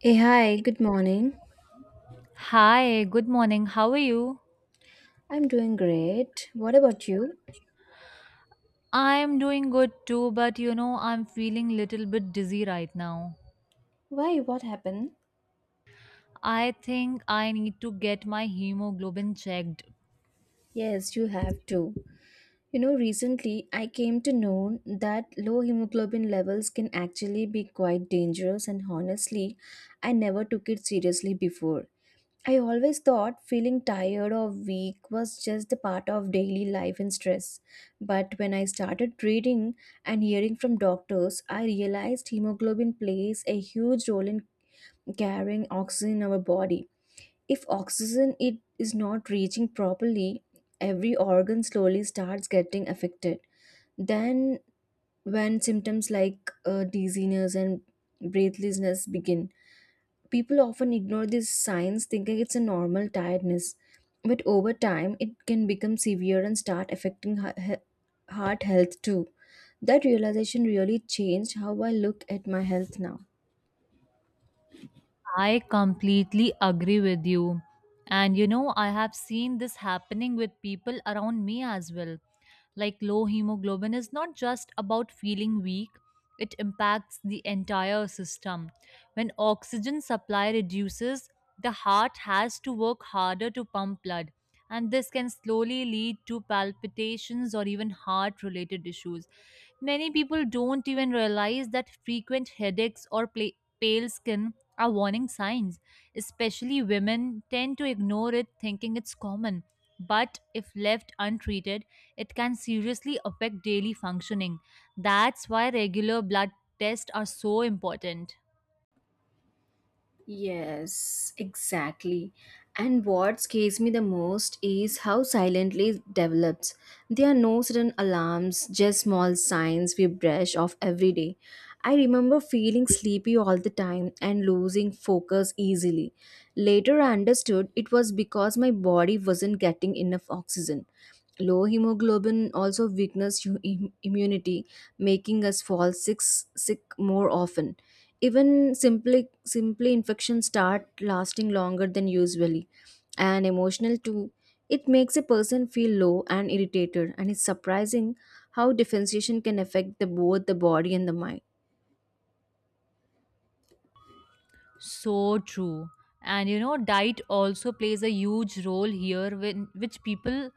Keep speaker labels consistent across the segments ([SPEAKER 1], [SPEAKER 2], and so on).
[SPEAKER 1] Hey, hi, good morning.
[SPEAKER 2] Hi, good morning. How are you?
[SPEAKER 1] I'm doing great. What about you?
[SPEAKER 2] I'm doing good too, but you know, I'm feeling little bit dizzy right now.
[SPEAKER 1] Why? What happened?
[SPEAKER 2] I think I need to get my hemoglobin checked.
[SPEAKER 1] Yes, you have too. You know, recently I came to know that low hemoglobin levels can actually be quite dangerous, and honestly, I never took it seriously before. I always thought feeling tired or weak was just the part of daily life and stress. But when I started reading and hearing from doctors, I realized hemoglobin plays a huge role in carrying oxygen in our body. If oxygen it is not reaching properly, every organ slowly starts getting affected. Then, when symptoms like dizziness and breathlessness begin, people often ignore these signs, thinking it's a normal tiredness. But over time, it can become severe and start affecting heart health too. That realization really changed how I look at my health now.
[SPEAKER 2] I completely agree with you. And you know, I have seen this happening with people around me as well. Like low hemoglobin is not just about feeling weak, it impacts the entire system. When oxygen supply reduces, the heart has to work harder to pump blood. And this can slowly lead to palpitations or even heart related issues. Many people don't even realize that frequent headaches or pale skin are warning signs. Especially women tend to ignore it, thinking it's common. But if left untreated, it can seriously affect daily functioning. That's why regular blood tests are so important.
[SPEAKER 1] Yes, exactly. And what scares me the most is how silently it develops. There are no sudden alarms, just small signs we brush off every day. I remember feeling sleepy all the time and losing focus easily. Later, I understood it was because my body wasn't getting enough oxygen. Low hemoglobin also weakens immunity, making us fall sick more often. Even simply infections start lasting longer than usually, and emotional too. It makes a person feel low and irritated, and it's surprising how differentiation can affect both the body and the mind.
[SPEAKER 2] So true. And you know, diet also plays a huge role here, which people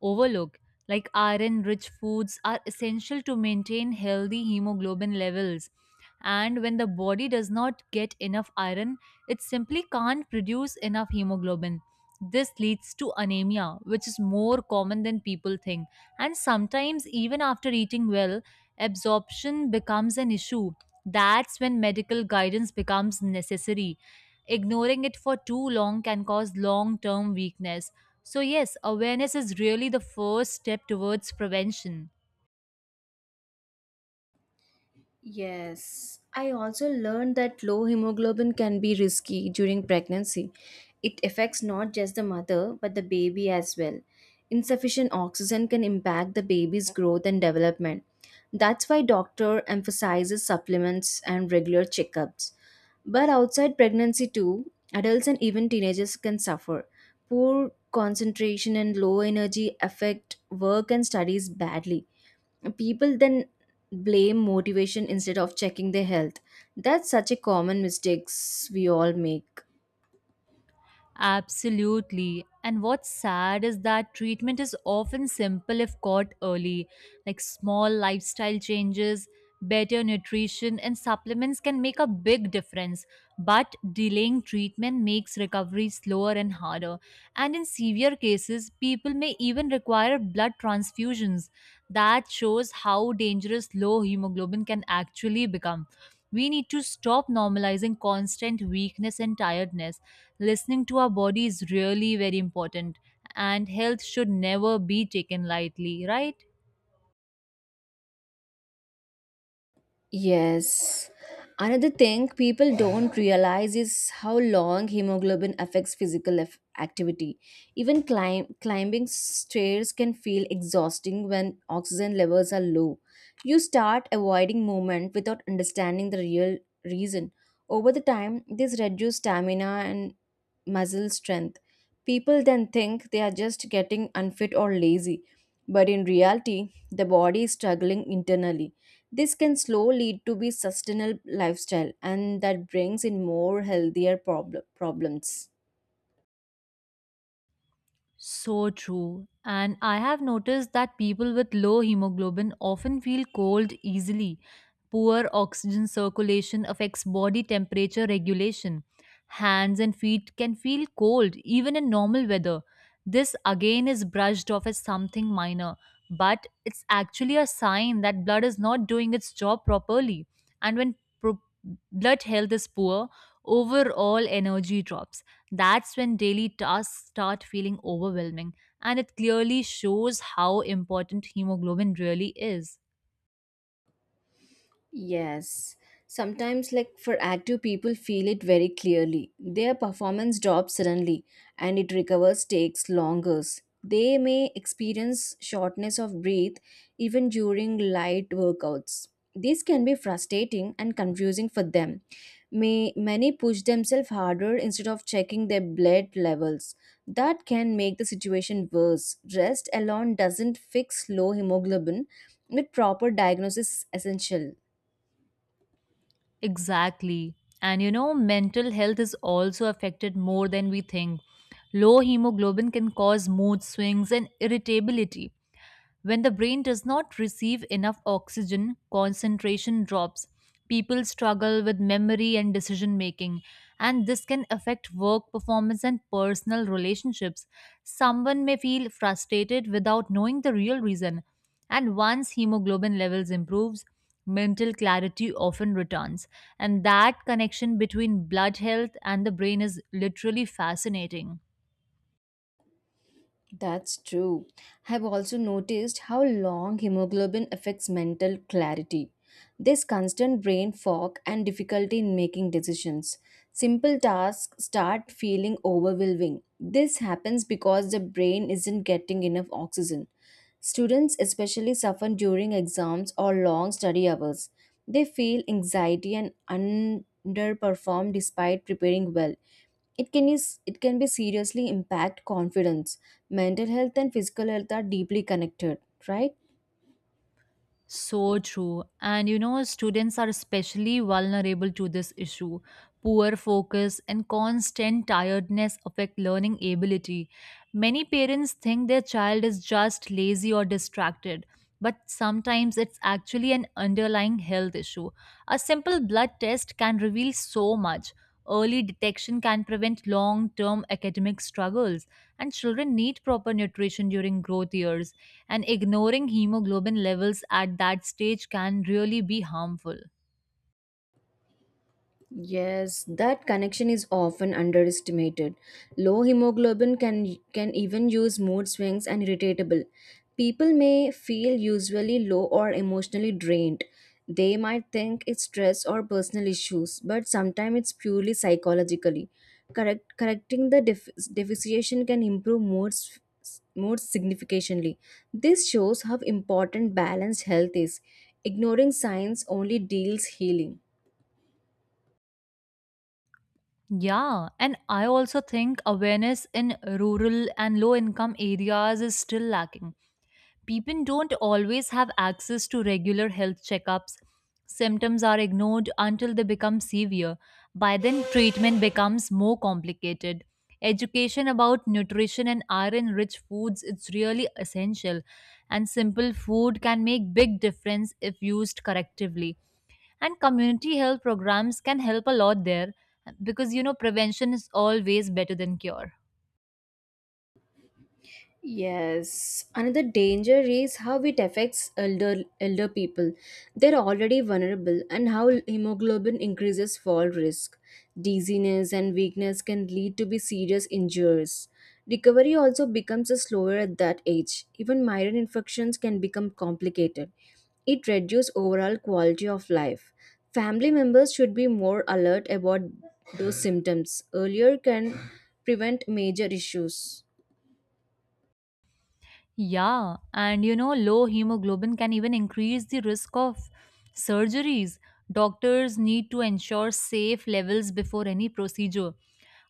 [SPEAKER 2] overlook. Like iron rich foods are essential to maintain healthy hemoglobin levels. And when the body does not get enough iron, it simply can't produce enough hemoglobin. This leads to anemia, which is more common than people think. And sometimes, even after eating well, absorption becomes an issue. That's when medical guidance becomes necessary. Ignoring it for too long can cause long term weakness. So, yes, awareness is really the first step towards prevention.
[SPEAKER 1] Yes, I also learned that low hemoglobin can be risky during pregnancy. It affects not just the mother but the baby as well. Insufficient oxygen can impact the baby's growth and development. That's why doctor emphasizes supplements and regular checkups. But outside pregnancy too, adults and even teenagers can suffer. Poor concentration and low energy affect work and studies badly. People then blame motivation instead of checking their health. That's such a common mistakes we all make.
[SPEAKER 2] Absolutely. And what's sad is that treatment is often simple if caught early. Like small lifestyle changes, better nutrition, and supplements can make a big difference. But delaying treatment makes recovery slower and harder. And in severe cases, people may even require blood transfusions. That shows how dangerous low hemoglobin can actually become. We need to stop normalizing constant weakness and tiredness. Listening to our body is really very important, and health should never be taken lightly, right?
[SPEAKER 1] Yes. Another thing people don't realize is how long hemoglobin affects physical activity. Even climbing stairs can feel exhausting when oxygen levels are low. You start avoiding movement without understanding the real reason. Over the time, this reduces stamina and muscle strength. People then think they are just getting unfit or lazy, but in reality, the body is struggling internally. This can slowly lead to be sustainable lifestyle and that brings in more healthier problems.
[SPEAKER 2] So true. And I have noticed that people with low hemoglobin often feel cold easily. Poor oxygen circulation affects body temperature regulation. Hands and feet can feel cold even in normal weather. This again is brushed off as something minor, but it's actually a sign that blood is not doing its job properly. And when pro- blood health is poor, overall energy drops. That's when daily tasks start feeling overwhelming, and it clearly shows how important hemoglobin really is.
[SPEAKER 1] Yes. Sometimes, like for active people, feel it very clearly. Their performance drops suddenly and it recovers takes longer. They may experience shortness of breath even during light workouts. This can be frustrating and confusing for them. Many push themselves harder instead of checking their blood levels. That can make the situation worse. Rest alone doesn't fix low hemoglobin, but proper diagnosis is essential.
[SPEAKER 2] Exactly. And you know, mental health is also affected more than we think. Low hemoglobin can cause mood swings and irritability. When the brain does not receive enough oxygen, concentration drops. People struggle with memory and decision making, and this can affect work performance and personal relationships. Someone may feel frustrated without knowing the real reason, and once hemoglobin levels improves, mental clarity often returns. And that connection between blood health and the brain is literally fascinating.
[SPEAKER 1] That's true. I've also noticed how long hemoglobin affects mental clarity. This constant brain fog and difficulty in making decisions. Simple tasks start feeling overwhelming. This happens because the brain isn't getting enough oxygen. Students especially suffer during exams or long study hours. They feel anxiety and underperform despite preparing well. It can be seriously impact confidence. Mental health and physical health are deeply connected, right?
[SPEAKER 2] So true. And you know, students are especially vulnerable to this issue. Poor focus and constant tiredness affect learning ability. Many parents think their child is just lazy or distracted, but sometimes it's actually an underlying health issue. A simple blood test can reveal so much. Early detection can prevent long term academic struggles, and children need proper nutrition during growth years, and ignoring hemoglobin levels at that stage can really be harmful.
[SPEAKER 1] Yes, that connection is often underestimated. Low hemoglobin can even use mood swings and irritable. People may feel usually low or emotionally drained. They might think it's stress or personal issues, but sometimes it's purely psychologically. Correcting the deficiency can improve moods significantly. This shows how important balanced health is. Ignoring signs only deals healing.
[SPEAKER 2] Yeah, and I also think awareness in rural and low income areas is still lacking. People don't always have access to regular health checkups. Symptoms are ignored until they become severe. By then, treatment becomes more complicated. Education about nutrition and iron rich foods is really essential, and simple food can make big difference if used correctively. And community health programs can help a lot there because you know prevention is always better than cure.
[SPEAKER 1] Yes, another danger is how it affects elder people. They're already vulnerable, and how hemoglobin increases fall risk. Dizziness and weakness can lead to be serious injuries. Recovery also becomes slower at that age. Even migraine infections can become complicated. It reduces overall quality of life. Family members should be more alert about those symptoms. Earlier can prevent major issues.
[SPEAKER 2] Yeah, and you know, low hemoglobin can even increase the risk of surgeries. Doctors need to ensure safe levels before any procedure.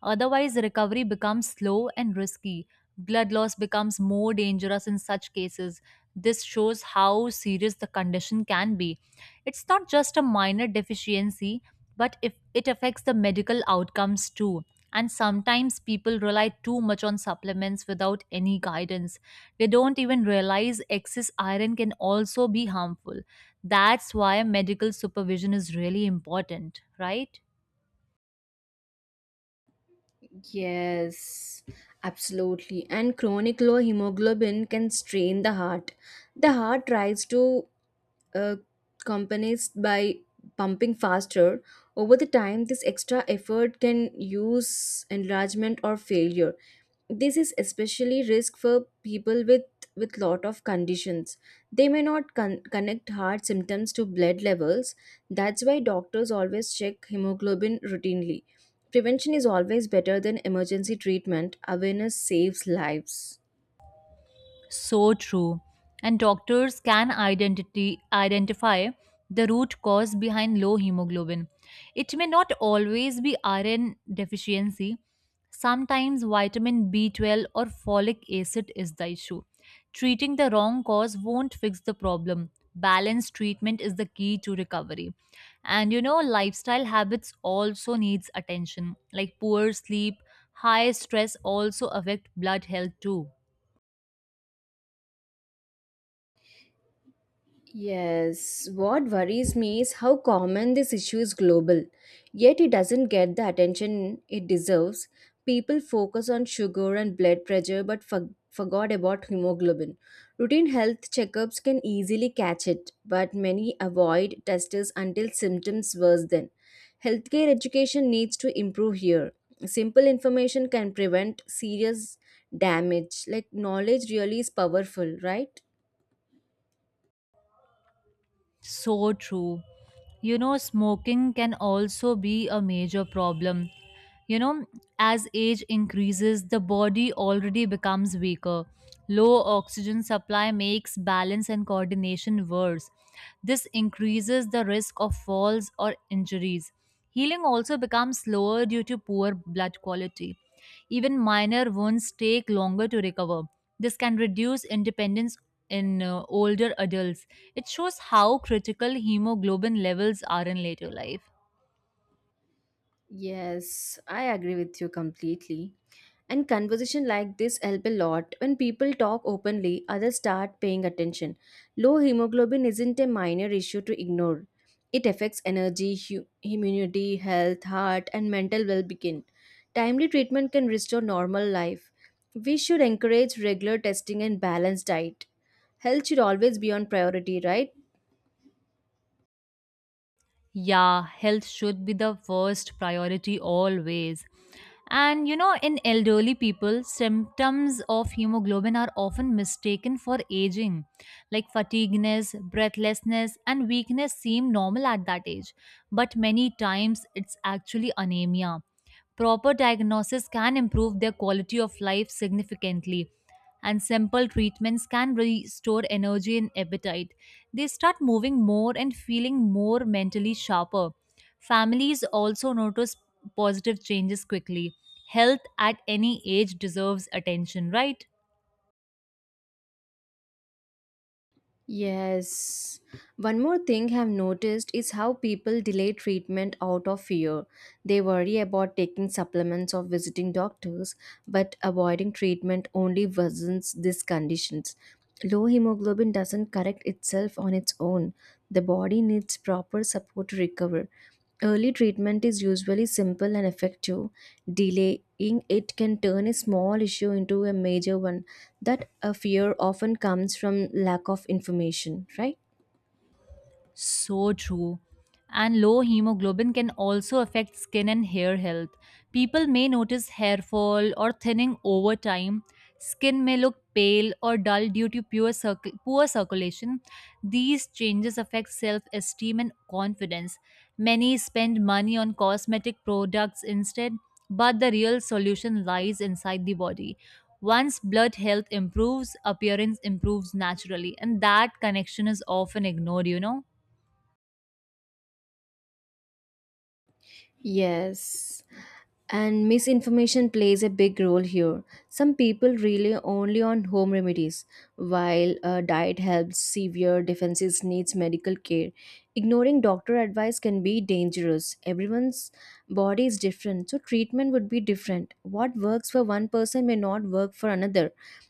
[SPEAKER 2] Otherwise, recovery becomes slow and risky. Blood loss becomes more dangerous in such cases. This shows how serious the condition can be. It's not just a minor deficiency, but if it affects the medical outcomes too. And sometimes people rely too much on supplements without any guidance. They don't even realize excess iron can also be harmful. That's why medical supervision is really important, right?
[SPEAKER 1] Yes, absolutely. And chronic low hemoglobin can strain the heart. The heart tries to uh, companies by pumping faster. Over the time, this extra effort can use enlargement or failure. This is especially risk for people with lot of conditions. They may not connect heart symptoms to blood levels. That's why doctors always check hemoglobin routinely. Prevention is always better than emergency treatment. Awareness saves lives.
[SPEAKER 2] So true. And doctors can identify the root cause behind low hemoglobin. It may not always be iron deficiency. Sometimes vitamin B12 or folic acid is the issue. Treating the wrong cause won't fix the problem. Balanced treatment is the key to recovery. And you know, lifestyle habits also needs attention. Like poor sleep, high stress also affect blood health too.
[SPEAKER 1] Yes, what worries me is how common this issue is global, yet it doesn't get the attention it deserves. People focus on sugar and blood pressure but forgot about hemoglobin. Routine health checkups can easily catch it, but many avoid testers until symptoms worsen. Healthcare education needs to improve here. Simple information can prevent serious damage. Like knowledge really is powerful, right?
[SPEAKER 2] So true. You know, smoking can also be a major problem. You know, as age increases, the body already becomes weaker. Low oxygen supply makes balance and coordination worse. This increases the risk of falls or injuries. Healing also becomes slower due to poor blood quality. Even minor wounds take longer to recover. This can reduce independence in older adults. It shows how critical hemoglobin levels are in later life.
[SPEAKER 1] Yes, I agree with you completely. And conversation like this help a lot. When people talk openly, others start paying attention. Low hemoglobin isn't a minor issue to ignore. It affects energy, immunity, health, heart, and mental well-being. Timely treatment can restore normal life. We should encourage regular testing and balanced diet. Health should always be on priority, right?
[SPEAKER 2] Yeah, health should be the first priority always. And you know, in elderly people, symptoms of hemoglobin are often mistaken for aging. Like fatigueness, breathlessness, and weakness seem normal at that age, but many times it's actually anemia. Proper diagnosis can improve their quality of life significantly, and simple treatments can restore energy and appetite. They start moving more and feeling more mentally sharper. Families also notice positive changes quickly. Health at any age deserves attention, right?
[SPEAKER 1] Yes. One more thing I've noticed is how people delay treatment out of fear. They worry about taking supplements or visiting doctors, but avoiding treatment only worsens these conditions. Low hemoglobin doesn't correct itself on its own. The body needs proper support to recover. Early treatment is usually simple and effective. Delaying it can turn a small issue into a major one. That a fear often comes from lack of information, right?
[SPEAKER 2] So true. And low hemoglobin can also affect skin and hair health. People may notice hair fall or thinning over time. Skin may look pale or dull due to poor circulation. These changes affect self esteem and confidence. Many spend money on cosmetic products instead, but the real solution lies inside the body. Once blood health improves, appearance improves naturally, and that connection is often ignored, you know.
[SPEAKER 1] Yes, and misinformation plays a big role here. Some people rely only on home remedies, while a diet helps severe defenses needs medical care. Ignoring doctor advice can be dangerous. Everyone's body is different, so treatment would be different. What works for one person may not work for another.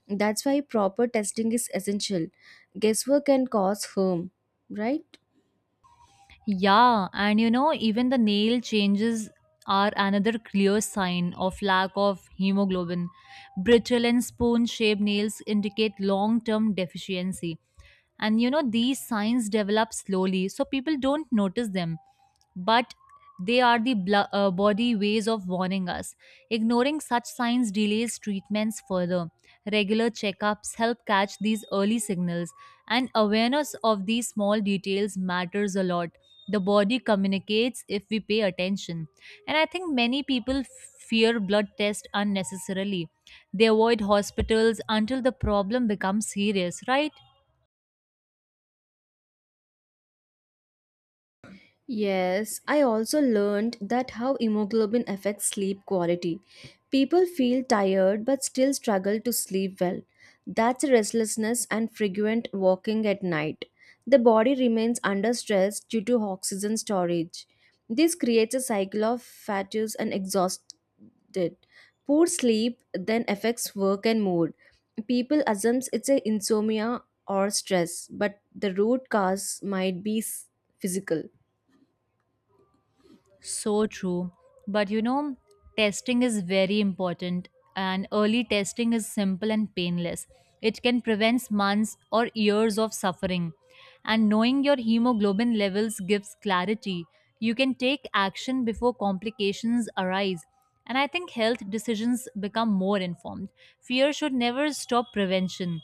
[SPEAKER 1] That's why proper testing is essential. Guesswork can cause harm, right?
[SPEAKER 2] Yeah, and you know, even the nail changes are another clear sign of lack of hemoglobin. Brittle and spoon shaped nails indicate long term deficiency, and you know these signs develop slowly so people don't notice them, but they are the body ways of warning us. Ignoring such signs delays treatments further. Regular checkups help catch these early signals, and awareness of these small details matters a lot. The body communicates if we pay attention, and I think many people fear blood tests unnecessarily. They avoid hospitals until the problem becomes serious, right?
[SPEAKER 1] Yes, I also learned that how hemoglobin affects sleep quality. People feel tired but still struggle to sleep well. That's restlessness and frequent walking at night. The body remains under stress due to oxygen storage. This creates a cycle of fatigue and exhausted. Poor sleep then affects work and mood. People assume it's a insomnia or stress, but the root cause might be physical.
[SPEAKER 2] So true. But you know, testing is very important, and early testing is simple and painless. It can prevent months or years of suffering. And knowing your hemoglobin levels gives clarity. You can take action before complications arise. And I think health decisions become more informed. Fear should never stop prevention.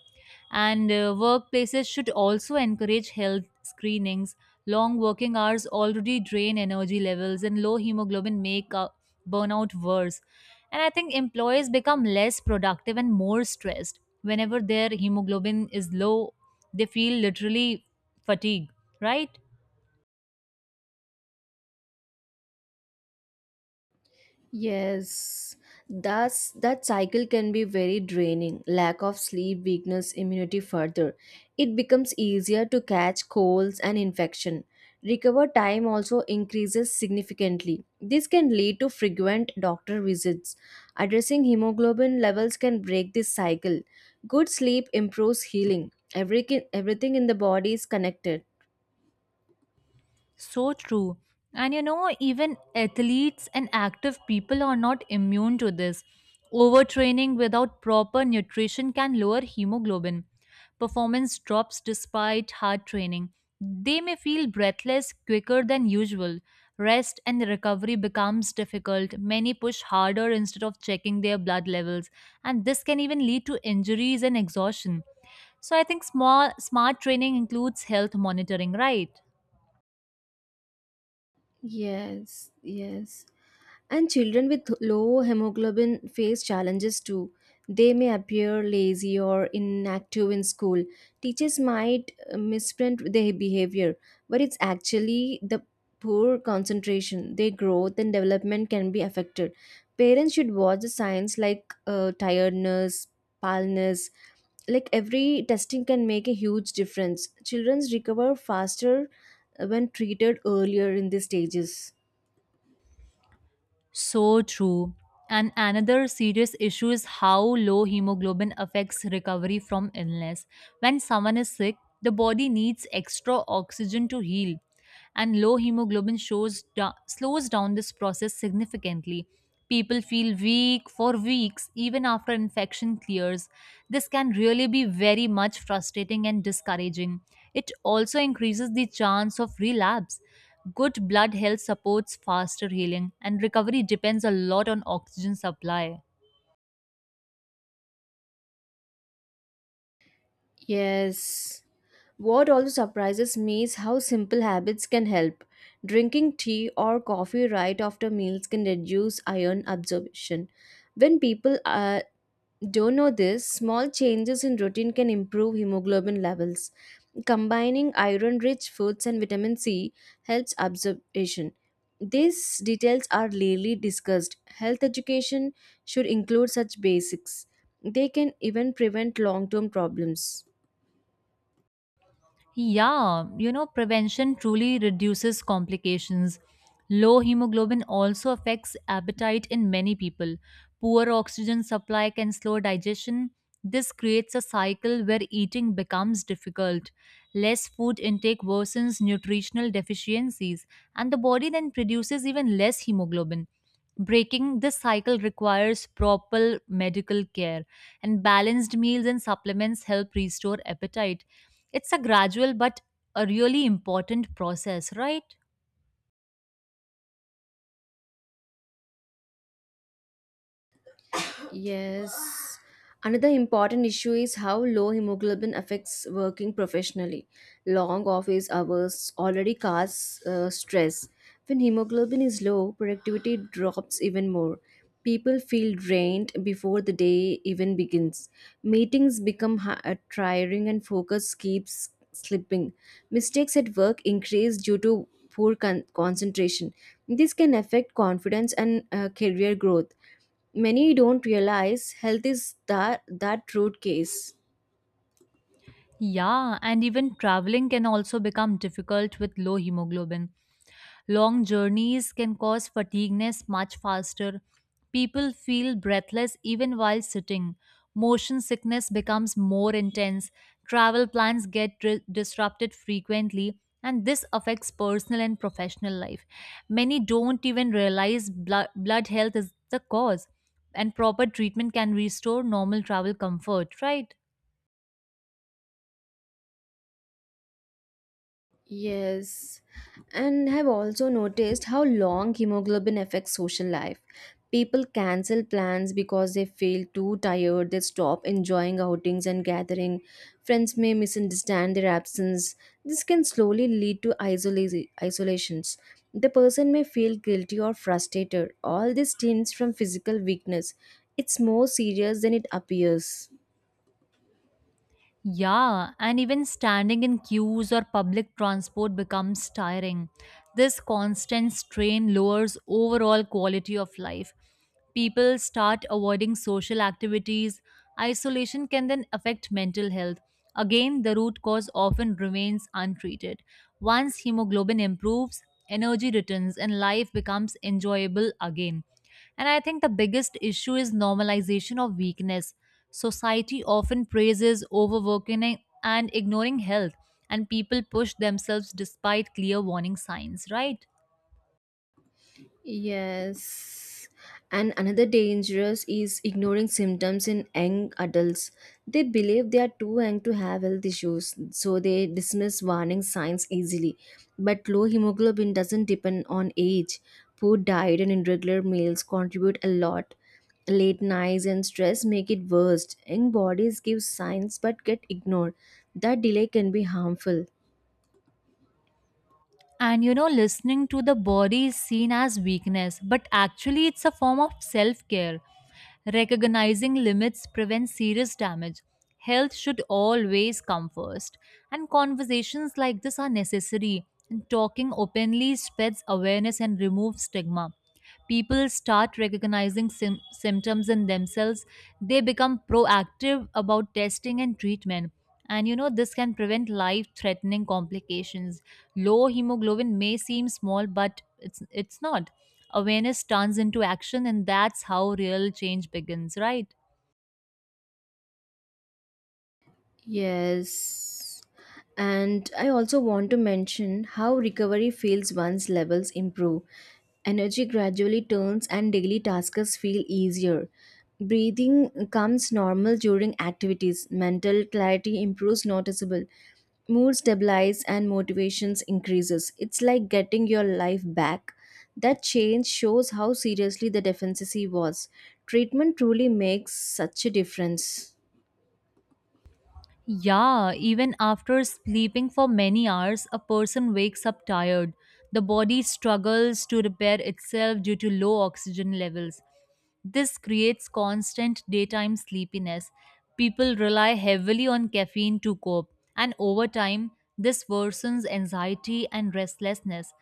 [SPEAKER 2] And workplaces should also encourage health screenings. Long working hours already drain energy levels, and low hemoglobin make burnout worse. And I think employees become less productive and more stressed. Whenever their hemoglobin is low, they feel literally fatigue, right?
[SPEAKER 1] Yes, that cycle can be very draining. Lack of sleep weakness immunity further. It becomes easier to catch colds and infection. Recover time also increases significantly. This can lead to frequent doctor visits. Addressing hemoglobin levels can break this cycle. Good sleep improves healing. Everything in the body is connected.
[SPEAKER 2] So true. And you know, even athletes and active people are not immune to this. Overtraining without proper nutrition can lower hemoglobin. Performance drops despite hard training. They may feel breathless quicker than usual. Rest and recovery becomes difficult. Many push harder instead of checking their blood levels, and this can even lead to injuries and exhaustion. So I think small smart training includes health monitoring, right?
[SPEAKER 1] Yes, yes. And children with low hemoglobin face challenges too. They may appear lazy or inactive in school. Teachers might misprint their behavior, but it's actually the poor concentration. Their growth and development can be affected. Parents should watch the signs like tiredness, paleness. Like every testing can make a huge difference. Children recover faster when treated earlier in these stages.
[SPEAKER 2] So true. And another serious issue is how low hemoglobin affects recovery from illness. When someone is sick, the body needs extra oxygen to heal, and low hemoglobin slows down this process significantly. People feel weak for weeks even after infection clears. This can really be very much frustrating and discouraging. It also increases the chance of relapse. Good blood health supports faster healing, and recovery depends a lot on oxygen supply.
[SPEAKER 1] Yes. What also surprises me is how simple habits can help. Drinking tea or coffee right after meals can reduce iron absorption. When people don't know this, small changes in routine can improve hemoglobin levels. Combining iron rich foods and vitamin C helps absorption. These details are rarely discussed. Health education should include such basics. They can even prevent long term problems.
[SPEAKER 2] Yeah, you know, prevention truly reduces complications. Low hemoglobin also affects appetite in many people. Poor oxygen supply can slow digestion. This creates a cycle where eating becomes difficult. Less food intake worsens nutritional deficiencies, and the body then produces even less hemoglobin. Breaking this cycle requires proper medical care, and balanced meals and supplements help restore appetite. It's a gradual but a really important process, right?
[SPEAKER 1] Yes. Another important issue is how low hemoglobin affects working professionally. Long office hours already cause stress. When hemoglobin is low, productivity drops even more. People feel drained before the day even begins. Meetings become tiring and focus keeps slipping. Mistakes at work increase due to poor concentration. This can affect confidence and career growth. Many don't realize health is that root case.
[SPEAKER 2] Yeah, and even traveling can also become difficult with low hemoglobin. Long journeys can cause fatigueness much faster. People feel breathless even while sitting. Motion sickness becomes more intense. Travel plans get disrupted frequently, and this affects personal and professional life. Many don't even realize blood health is the cause, and proper treatment can restore normal travel comfort, right?
[SPEAKER 1] Yes, and have also noticed how long hemoglobin affects social life. People cancel plans because they feel too tired, they stop enjoying outings and gathering. Friends may misunderstand their absence. This can slowly lead to isolations. The person may feel guilty or frustrated. All this stems from physical weakness. It's more serious than it appears.
[SPEAKER 2] Yeah, and even standing in queues or public transport becomes tiring. This constant strain lowers overall quality of life. People start avoiding social activities. Isolation can then affect mental health. Again, the root cause often remains untreated. Once hemoglobin improves, energy returns and life becomes enjoyable again. And I think the biggest issue is normalization of weakness. Society often praises overworking and ignoring health, and people push themselves despite clear warning signs, right?
[SPEAKER 1] Yes. And another dangerous is ignoring symptoms in young adults. They believe they are too young to have health issues, so they dismiss warning signs easily. But low hemoglobin doesn't depend on age. Poor diet and irregular meals contribute a lot. Late nights and stress make it worse. Young bodies give signs but get ignored. That delay can be harmful.
[SPEAKER 2] And you know, listening to the body is seen as weakness, but actually, it's a form of self care. Recognizing limits prevents serious damage. Health should always come first. And conversations like this are necessary. And talking openly spreads awareness and removes stigma. People start recognizing symptoms in themselves. They become proactive about testing and treatment. And you know, this can prevent life threatening complications. Low hemoglobin may seem small, but it's not. Awareness turns into action, and that's how real change begins, right?
[SPEAKER 1] Yes. And I also want to mention how recovery feels once levels improve. Energy gradually turns and daily tasks feel easier. Breathing comes normal during activities. Mental clarity improves noticeable. Mood stabilizes and motivations increases. It's like getting your life back. That change shows how seriously the deficiency was. Treatment truly makes such a difference.
[SPEAKER 2] Yeah, even after sleeping for many hours, a person wakes up tired. The body struggles to repair itself due to low oxygen levels. This creates constant daytime sleepiness. People rely heavily on caffeine to cope, and over time, this worsens anxiety and restlessness.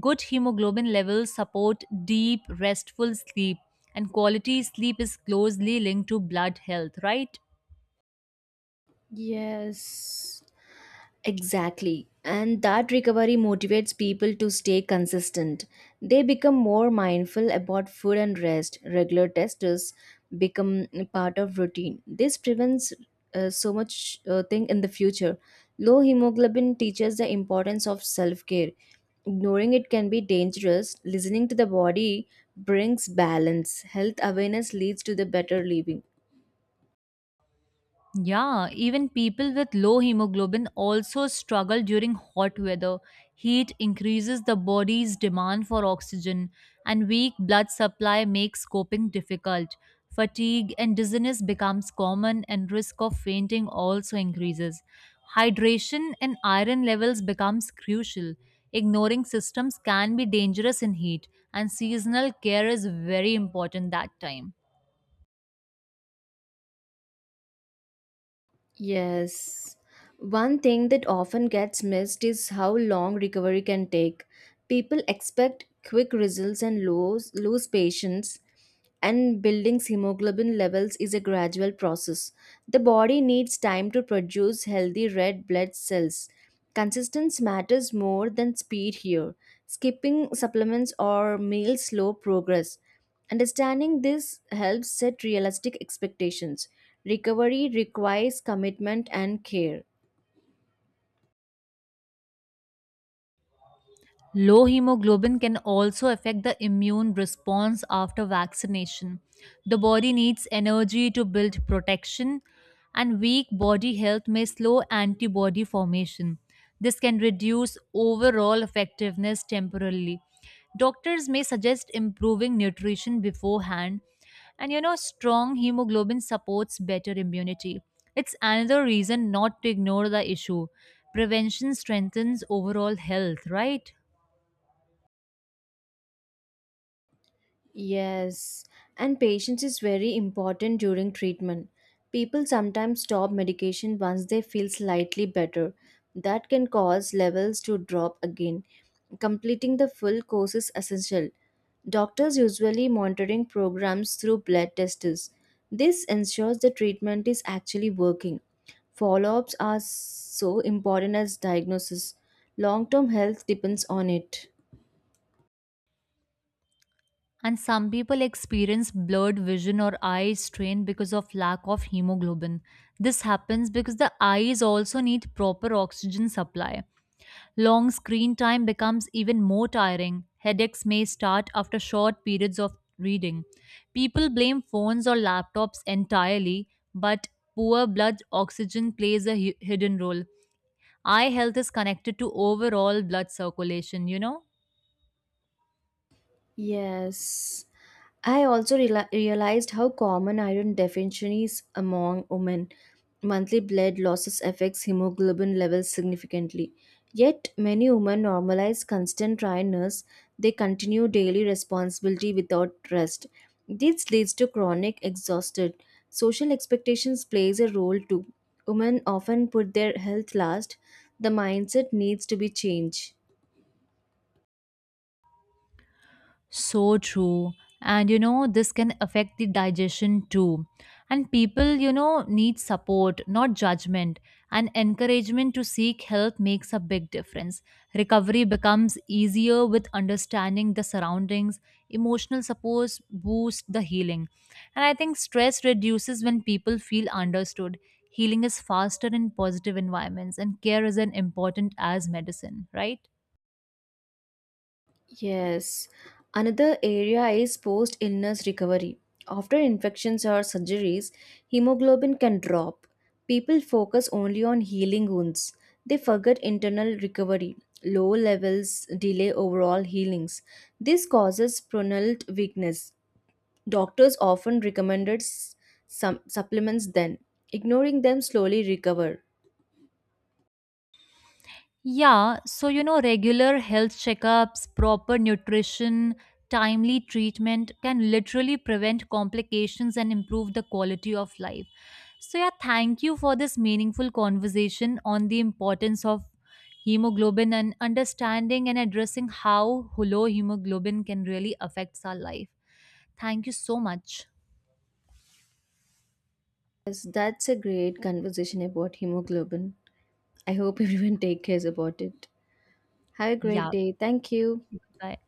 [SPEAKER 2] Good hemoglobin levels support deep, restful sleep, and quality sleep is closely linked to blood health, right?
[SPEAKER 1] Yes. Exactly. And that recovery motivates people to stay consistent. They become more mindful about food and rest. Regular testers become part of routine. This prevents so much thing in the future. Low hemoglobin teaches the importance of self-care. Ignoring it can be dangerous. Listening to the body brings balance. Health awareness leads to the better living.
[SPEAKER 2] Yeah, even people with low hemoglobin also struggle during hot weather. Heat increases the body's demand for oxygen, and weak blood supply makes coping difficult. Fatigue and dizziness becomes common, and risk of fainting also increases. Hydration and iron levels becomes crucial. Ignoring systems can be dangerous in heat, and seasonal care is very important that time.
[SPEAKER 1] Yes. One thing that often gets missed is how long recovery can take. People expect quick results and lose patience, and building hemoglobin levels is a gradual process. The body needs time to produce healthy red blood cells. Consistency matters more than speed here. Skipping supplements or meals slow progress. Understanding this helps set realistic expectations. Recovery requires commitment and care.
[SPEAKER 2] Low hemoglobin can also affect the immune response after vaccination. The body needs energy to build protection, and weak body health may slow antibody formation. This can reduce overall effectiveness temporarily. Doctors may suggest improving nutrition beforehand, and you know, strong hemoglobin supports better immunity. It's another reason not to ignore the issue. Prevention strengthens overall health, right?
[SPEAKER 1] Yes, and patience is very important during treatment. People sometimes stop medication once they feel slightly better. That can cause levels to drop again. Completing the full course is essential. Doctors usually monitoring programs through blood tests. This ensures the treatment is actually working. Follow-ups are so important as diagnosis. Long-term health depends on it.
[SPEAKER 2] And some people experience blurred vision or eye strain because of lack of hemoglobin. This happens because the eyes also need proper oxygen supply. Long screen time becomes even more tiring. Headaches may start after short periods of reading. People blame phones or laptops entirely, but poor blood oxygen plays a hidden role. Eye health is connected to overall blood circulation, you know?
[SPEAKER 1] Yes. I also realized how common iron deficiency is among women. Monthly blood losses affects hemoglobin levels significantly. Yet many women normalize constant tiredness. They continue daily responsibility without rest. This leads to chronic exhaustion. Social expectations plays a role too. Women often put their health last. The mindset needs to be changed.
[SPEAKER 2] So true. And you know, this can affect the digestion too. And people, you know, need support, not judgment. And encouragement to seek help makes a big difference. Recovery becomes easier with understanding the surroundings. Emotional support boosts the healing. And I think stress reduces when people feel understood. Healing is faster in positive environments, and care is as important as medicine, right?
[SPEAKER 1] Yes. Another area is post illness recovery. After infections or surgeries, hemoglobin can drop. People focus only on healing wounds. They forget internal recovery. Low levels delay overall healings. This causes prolonged weakness. Doctors often recommended some supplements then. Ignoring them slowly recover.
[SPEAKER 2] Yeah, so you know, regular health checkups, proper nutrition, timely treatment can literally prevent complications and improve the quality of life. So, yeah, thank you for this meaningful conversation on the importance of hemoglobin and understanding and addressing how low hemoglobin can really affect our life. Thank you so much.
[SPEAKER 1] Yes, that's a great conversation about hemoglobin. I hope everyone take cares about it. Have a great
[SPEAKER 2] Yeah,
[SPEAKER 1] day. Thank you.
[SPEAKER 2] bye.